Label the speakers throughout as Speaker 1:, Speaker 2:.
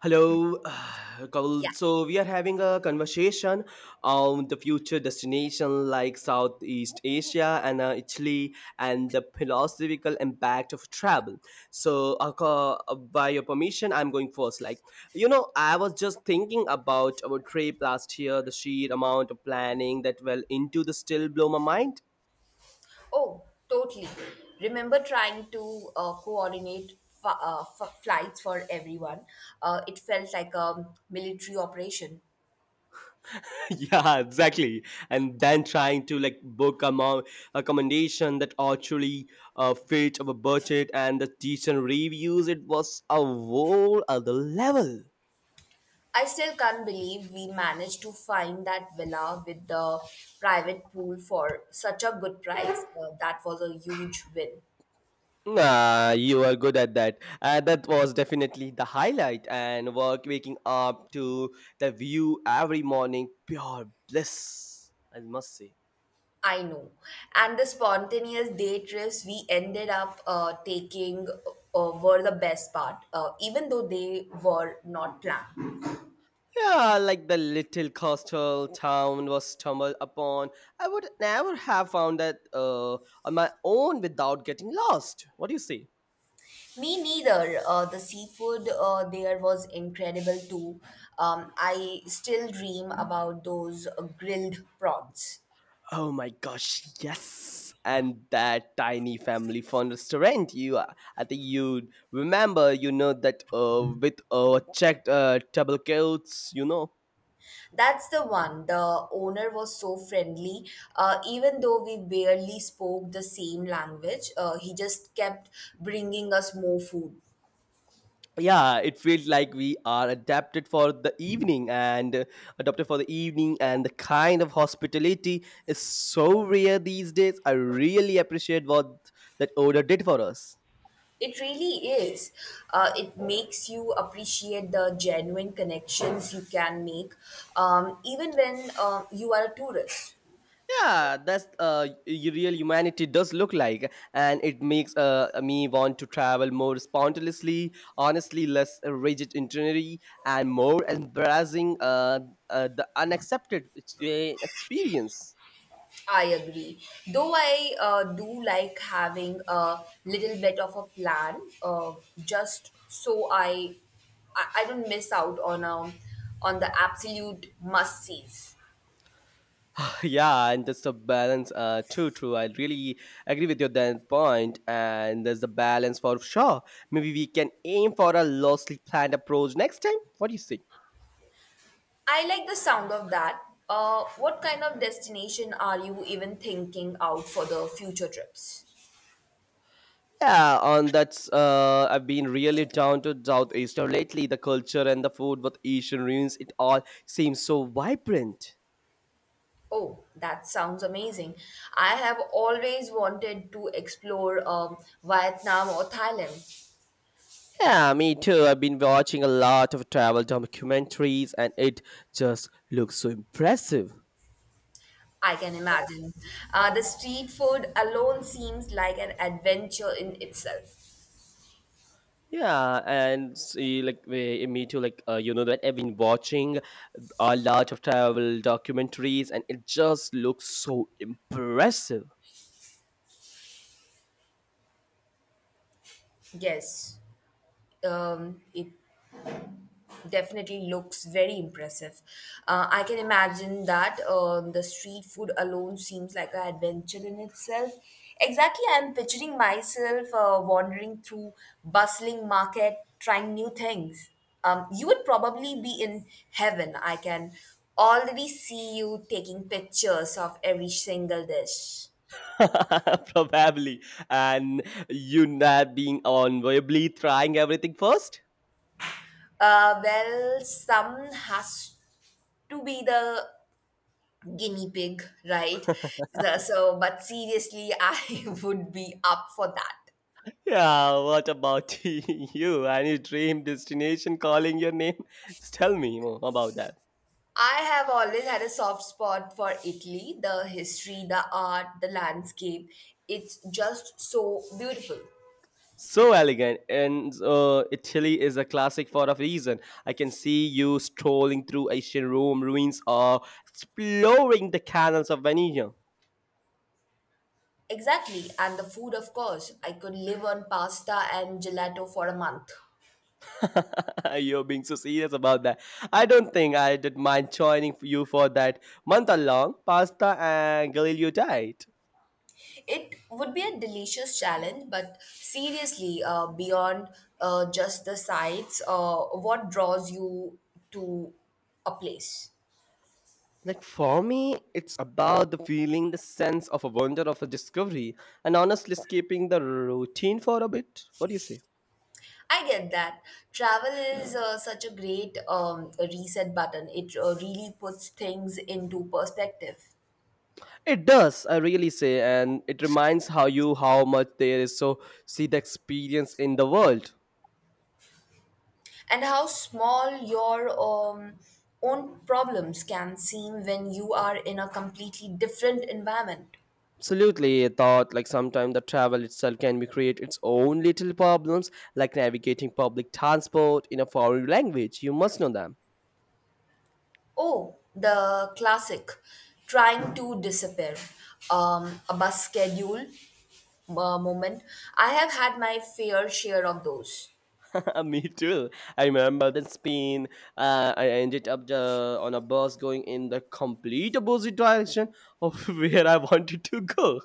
Speaker 1: Hello,
Speaker 2: Yeah.
Speaker 1: Kavul. So we are having a conversation on the future destination like Southeast Asia and Italy and the philosophical impact of travel. So by your permission, I'm going first. I was just thinking about our trip last year, the sheer amount of planning that well into the still blow my mind.
Speaker 2: Oh, totally. Remember trying to coordinate flights for everyone? It felt like a military operation.
Speaker 1: Yeah, exactly, and then trying to like book accommodation that actually fit our budget and the decent reviews it was a whole other level.
Speaker 2: I still can't believe we managed to find that villa with the private pool for such a good price. That was a huge win.
Speaker 1: Ah, you are good at that. That was definitely the highlight. And work waking up to the view every morning, pure bliss. I must say.
Speaker 2: I know. And the spontaneous day trips we ended up taking were the best part, even though they were not planned.
Speaker 1: Yeah, like the little coastal town was stumbled upon. I would never have found that on my own without getting lost. What do you say?
Speaker 2: Me neither. The seafood there was incredible too. I still dream about those grilled prawns.
Speaker 1: Oh my gosh, yes. And that tiny family fun restaurant you are. I think you remember, that with checked table coats.
Speaker 2: That's the one. The owner was so friendly. Even though we barely spoke the same language, he just kept bringing us more food.
Speaker 1: Yeah, it feels like we are adapted for the evening and adopted for the evening, and the kind of hospitality is so rare these days. I really appreciate what that order did for us.
Speaker 2: It really is. It makes you appreciate the genuine connections you can make, even when you are a tourist.
Speaker 1: Yeah, that's real humanity does look like, and it makes me want to travel more spontaneously, honestly less rigid itinerary and more embracing the unaccepted experience.
Speaker 2: I agree. Though I do like having a little bit of a plan, just so I don't miss out on on the absolute must sees.
Speaker 1: Yeah, and that's the balance. True, true. I really agree with your then point, and there's the balance for sure. Maybe we can aim for a loosely planned approach next time. What do you think?
Speaker 2: I like the sound of that. What kind of destination are you even thinking out for the future trips?
Speaker 1: Yeah, on that's I've been really down to Southeaster lately. The culture and the food with Asian ruins, it all seems so vibrant.
Speaker 2: Oh, that sounds amazing. I have always wanted to explore Vietnam or Thailand.
Speaker 1: Yeah, me too. I've been watching a lot of travel documentaries, and it just looks so impressive.
Speaker 2: I can imagine. The street food alone seems like an adventure in itself.
Speaker 1: Yeah, and see, me too. Like you know that I've been watching a lot of travel documentaries, and it just looks so impressive.
Speaker 2: Yes, it definitely looks very impressive. I can imagine that the street food alone seems like an adventure in itself. Exactly, I'm picturing myself wandering through bustling market, trying new things. You would probably be in heaven. I can already see you taking pictures of every single dish.
Speaker 1: Probably, and you not being unavoidably trying everything first.
Speaker 2: Well, some has to be the guinea pig, right? But seriously, I would be up for that.
Speaker 1: Yeah, what about you? Any dream destination calling your name? Just tell me more about that.
Speaker 2: I have always had a soft spot for Italy, the history, the art, the landscape. It's just so beautiful.
Speaker 1: So elegant, and Italy is a classic for a reason. I can see you strolling through ancient Rome ruins or exploring the canals of Venice.
Speaker 2: Exactly, and the food, of course. I could live on pasta and gelato for a month.
Speaker 1: You're being so serious about that. I don't think I did mind joining you for that month long pasta and Galileo diet.
Speaker 2: It would be a delicious challenge, but seriously, beyond just the sights, what draws you to a place?
Speaker 1: Like for me, it's about the feeling, the sense of a wonder of a discovery, and honestly, skipping the routine for a bit. What do you say?
Speaker 2: I get that. Travel is such a great reset button. It really puts things into perspective.
Speaker 1: It does, I really say, and it reminds how you how much there is so see the experience in the world.
Speaker 2: And how small your own problems can seem when you are in a completely different environment.
Speaker 1: Absolutely, I thought like sometimes the travel itself can be create its own little problems, like navigating public transport in a foreign language. You must know them.
Speaker 2: Oh, the classic trying to disappear. A bus schedule moment. I have had my fair share of those.
Speaker 1: Me too. I remember in Spain, I ended up on a bus going in the complete opposite direction of where I wanted to go.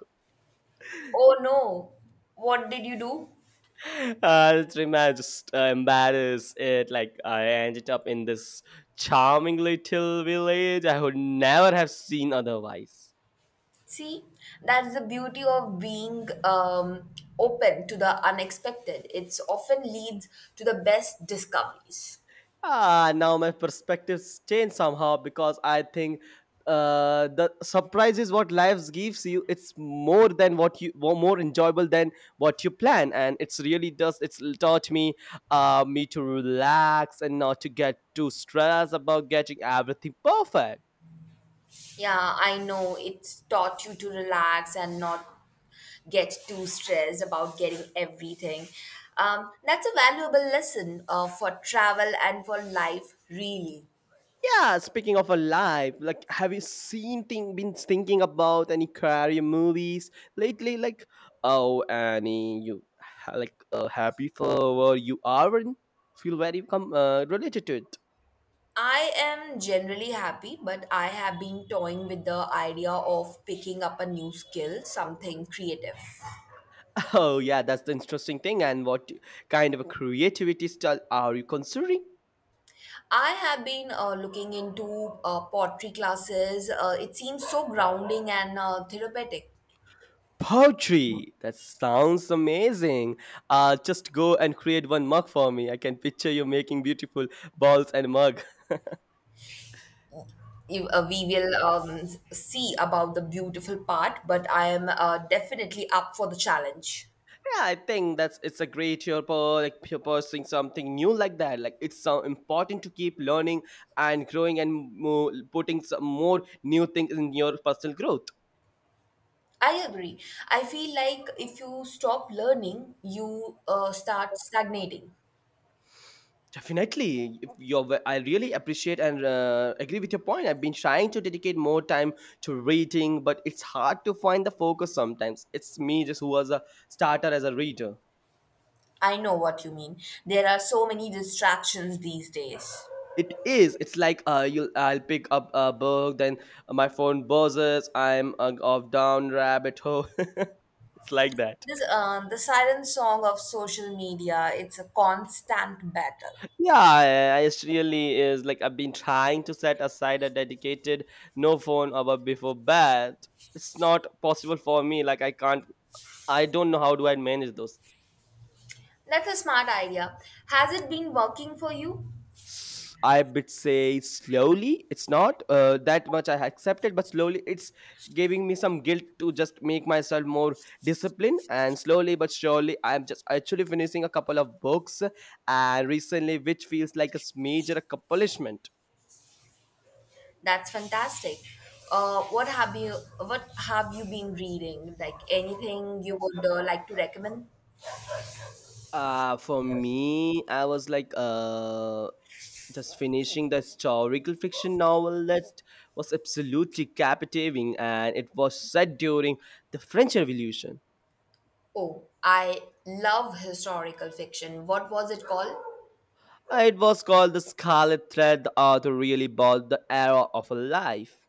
Speaker 2: Oh no, what did you do?
Speaker 1: Trima just embarrassed it. Like I ended up in this charming little village I would never have seen otherwise.
Speaker 2: See, that's the beauty of being open to the unexpected. It's often leads to the best discoveries.
Speaker 1: Ah, now my perspectives change somehow because I think the surprise is what life gives you. It's more than what you more enjoyable than what you plan, and it's really does. It's taught me me to relax and not to get too stressed about getting everything perfect.
Speaker 2: Yeah, I know it's taught you to relax and not get too stressed about getting everything. That's a valuable lesson for travel and for life, really.
Speaker 1: Yeah, speaking of alive, like have you seen thing been thinking about any career movies lately? Like, oh Annie, you like happy for where you are and feel very related to it.
Speaker 2: I am generally happy, but I have been toying with the idea of picking up a new skill, something creative.
Speaker 1: Oh yeah, that's the interesting thing. And what kind of a creativity style are you considering?
Speaker 2: I have been looking into pottery classes. It seems so grounding and therapeutic.
Speaker 1: Poetry. That sounds amazing. Just go and create one mug for me. I can picture you making beautiful balls and mug.
Speaker 2: We will see about the beautiful part, but I am definitely up for the challenge.
Speaker 1: Yeah, I think that's it's a great you're like you're pursuing something new like that. Like it's so important to keep learning and growing and putting some more new things in your personal growth.
Speaker 2: I agree. I feel like if you stop learning, you start stagnating.
Speaker 1: Definitely, your I really appreciate and agree with your point. I've been trying to dedicate more time to reading, but it's hard to find the focus sometimes. It's me just who was a starter as a reader.
Speaker 2: I know what you mean. There are so many distractions these days.
Speaker 1: It is. It's like you'll I'll pick up a book, then my phone buzzes. I'm off down rabbit hole. It's like that.
Speaker 2: The siren song of social media, it's a constant battle.
Speaker 1: Yeah, it really is. Like I've been trying to set aside a dedicated no phone hour before bed. It's not possible for me. Like I can't. I don't know how do I manage those.
Speaker 2: That's a smart idea. Has it been working for you?
Speaker 1: I would say slowly. It's not that much I accepted, but slowly it's giving me some guilt to just make myself more disciplined. And slowly but surely, I'm just actually finishing a couple of books, and recently, which feels like a major accomplishment.
Speaker 2: That's fantastic. Uh, what have you What have you been reading? Like anything you would like to recommend?
Speaker 1: For me, I was like, just finishing the historical fiction novel that was absolutely captivating, and it was set during the French Revolution.
Speaker 2: Oh, I love historical fiction. What was it called?
Speaker 1: It was called the Scarlet Thread, the author really bought the era of a life.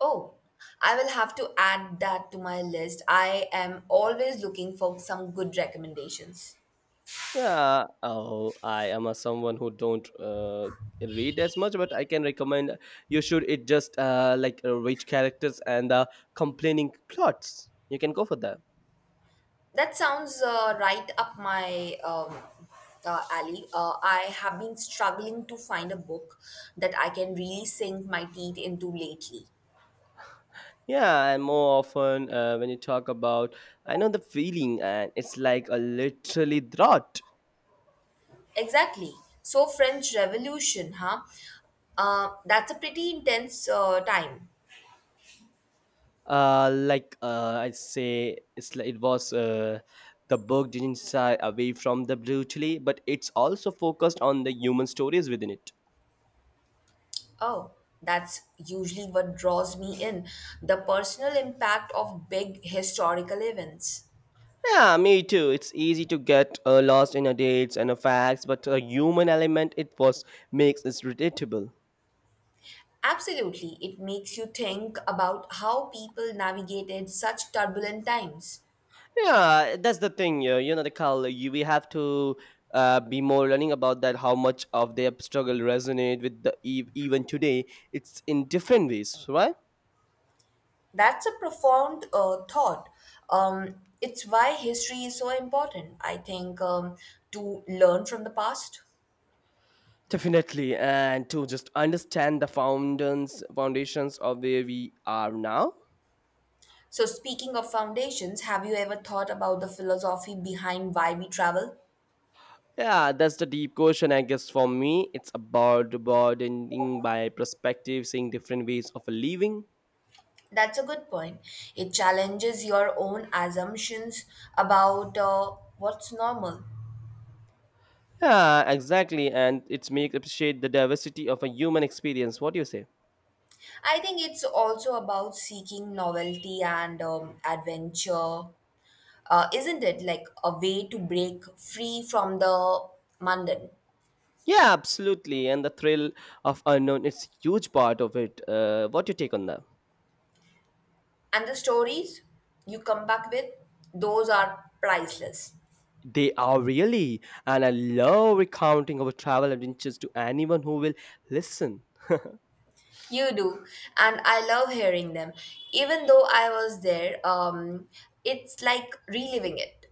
Speaker 2: Oh, I will have to add that to my list. I am always looking for some good recommendations.
Speaker 1: Yeah, oh, I am a someone who don't read as much, but I can recommend you should it just like rich characters and complaining plots. You can go for that.
Speaker 2: That sounds right up my alley. I have been struggling to find a book that I can really sink my teeth into lately.
Speaker 1: Yeah, and more often when you talk about, I know the feeling, and it's like a literally drought.
Speaker 2: Exactly. So, French Revolution, huh? That's a pretty intense time.
Speaker 1: I say it's like it was the book didn't shy away from the brutality, but it's also focused on the human stories within it.
Speaker 2: Oh, that's usually what draws me in, the personal impact of big historical events.
Speaker 1: Yeah, me too. It's easy to get lost in the dates and the facts, but the human element it was makes it relatable.
Speaker 2: Absolutely, it makes you think about how people navigated such turbulent times.
Speaker 1: Yeah, that's the thing, yeah, you know the call you we have to be more learning about that how much of their struggle resonate with the even today, it's in different ways, right?
Speaker 2: That's a profound thought. It's why history is so important, I think, to learn from the past.
Speaker 1: Definitely, and to just understand the foundations of where we are now.
Speaker 2: So, speaking of foundations, have you ever thought about the philosophy behind why we travel?
Speaker 1: Yeah, that's the deep question, I guess. For me, it's about broadening by perspective, seeing different ways of living.
Speaker 2: That's a good point. It challenges your own assumptions about what's normal.
Speaker 1: Yeah, exactly, and it's make appreciate the diversity of a human experience. What do you say?
Speaker 2: I think it's also about seeking novelty and adventure, isn't it? Like a way to break free from the mundane.
Speaker 1: Yeah, absolutely, and the thrill of unknown. It's huge part of it. What your take on that?
Speaker 2: And the stories you come back with, those are priceless.
Speaker 1: They are really, and I love recounting our travel adventures to anyone who will listen.
Speaker 2: You do. And I love hearing them. Even though I was there, it's like reliving it.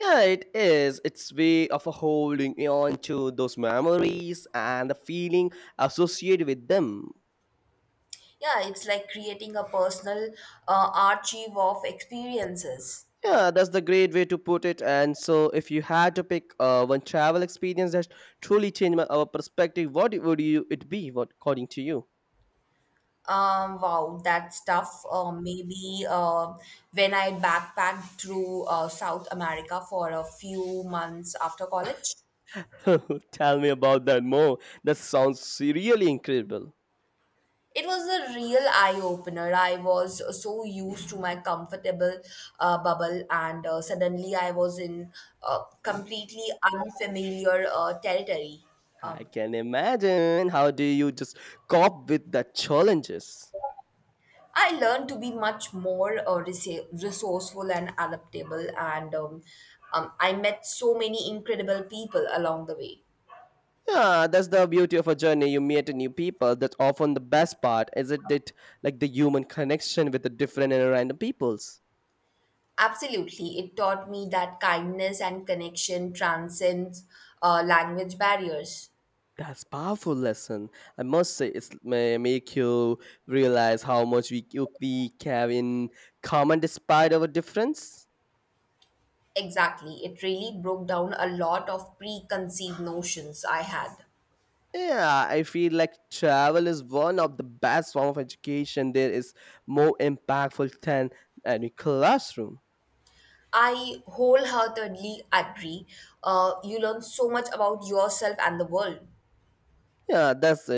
Speaker 1: Yeah, it is. It's way of a holding on to those memories and the feeling associated with them.
Speaker 2: Yeah, it's like creating a personal archive of experiences.
Speaker 1: Yeah, that's the great way to put it. And so, if you had to pick one travel experience that truly changed my, our perspective, what would you it be? What according to you?
Speaker 2: Wow, that stuff. Maybe when I backpacked through South America for a few months after college.
Speaker 1: Tell me about that more. That sounds really incredible.
Speaker 2: It was a real eye opener. I was so used to my comfortable bubble, and suddenly I was in completely unfamiliar territory.
Speaker 1: I
Speaker 2: Um,
Speaker 1: can imagine. How do you just cope with the challenges?
Speaker 2: I learned to be much more resourceful and adaptable, and I met so many incredible people along the way.
Speaker 1: Yeah, that's the beauty of a journey. You meet new people. That's often the best part, isn't it? Like the human connection with the different and random peoples.
Speaker 2: Absolutely, it taught me that kindness and connection transcends language barriers.
Speaker 1: That's powerful lesson. I must say, it's may make you realize how much we we have in common despite our difference.
Speaker 2: Exactly. It really broke down a lot of preconceived notions I had.
Speaker 1: Yeah, I feel like travel is one of the best form of education. There is more impactful than any classroom.
Speaker 2: I wholeheartedly agree. You learn so much about yourself and the world.
Speaker 1: Yeah, that's it.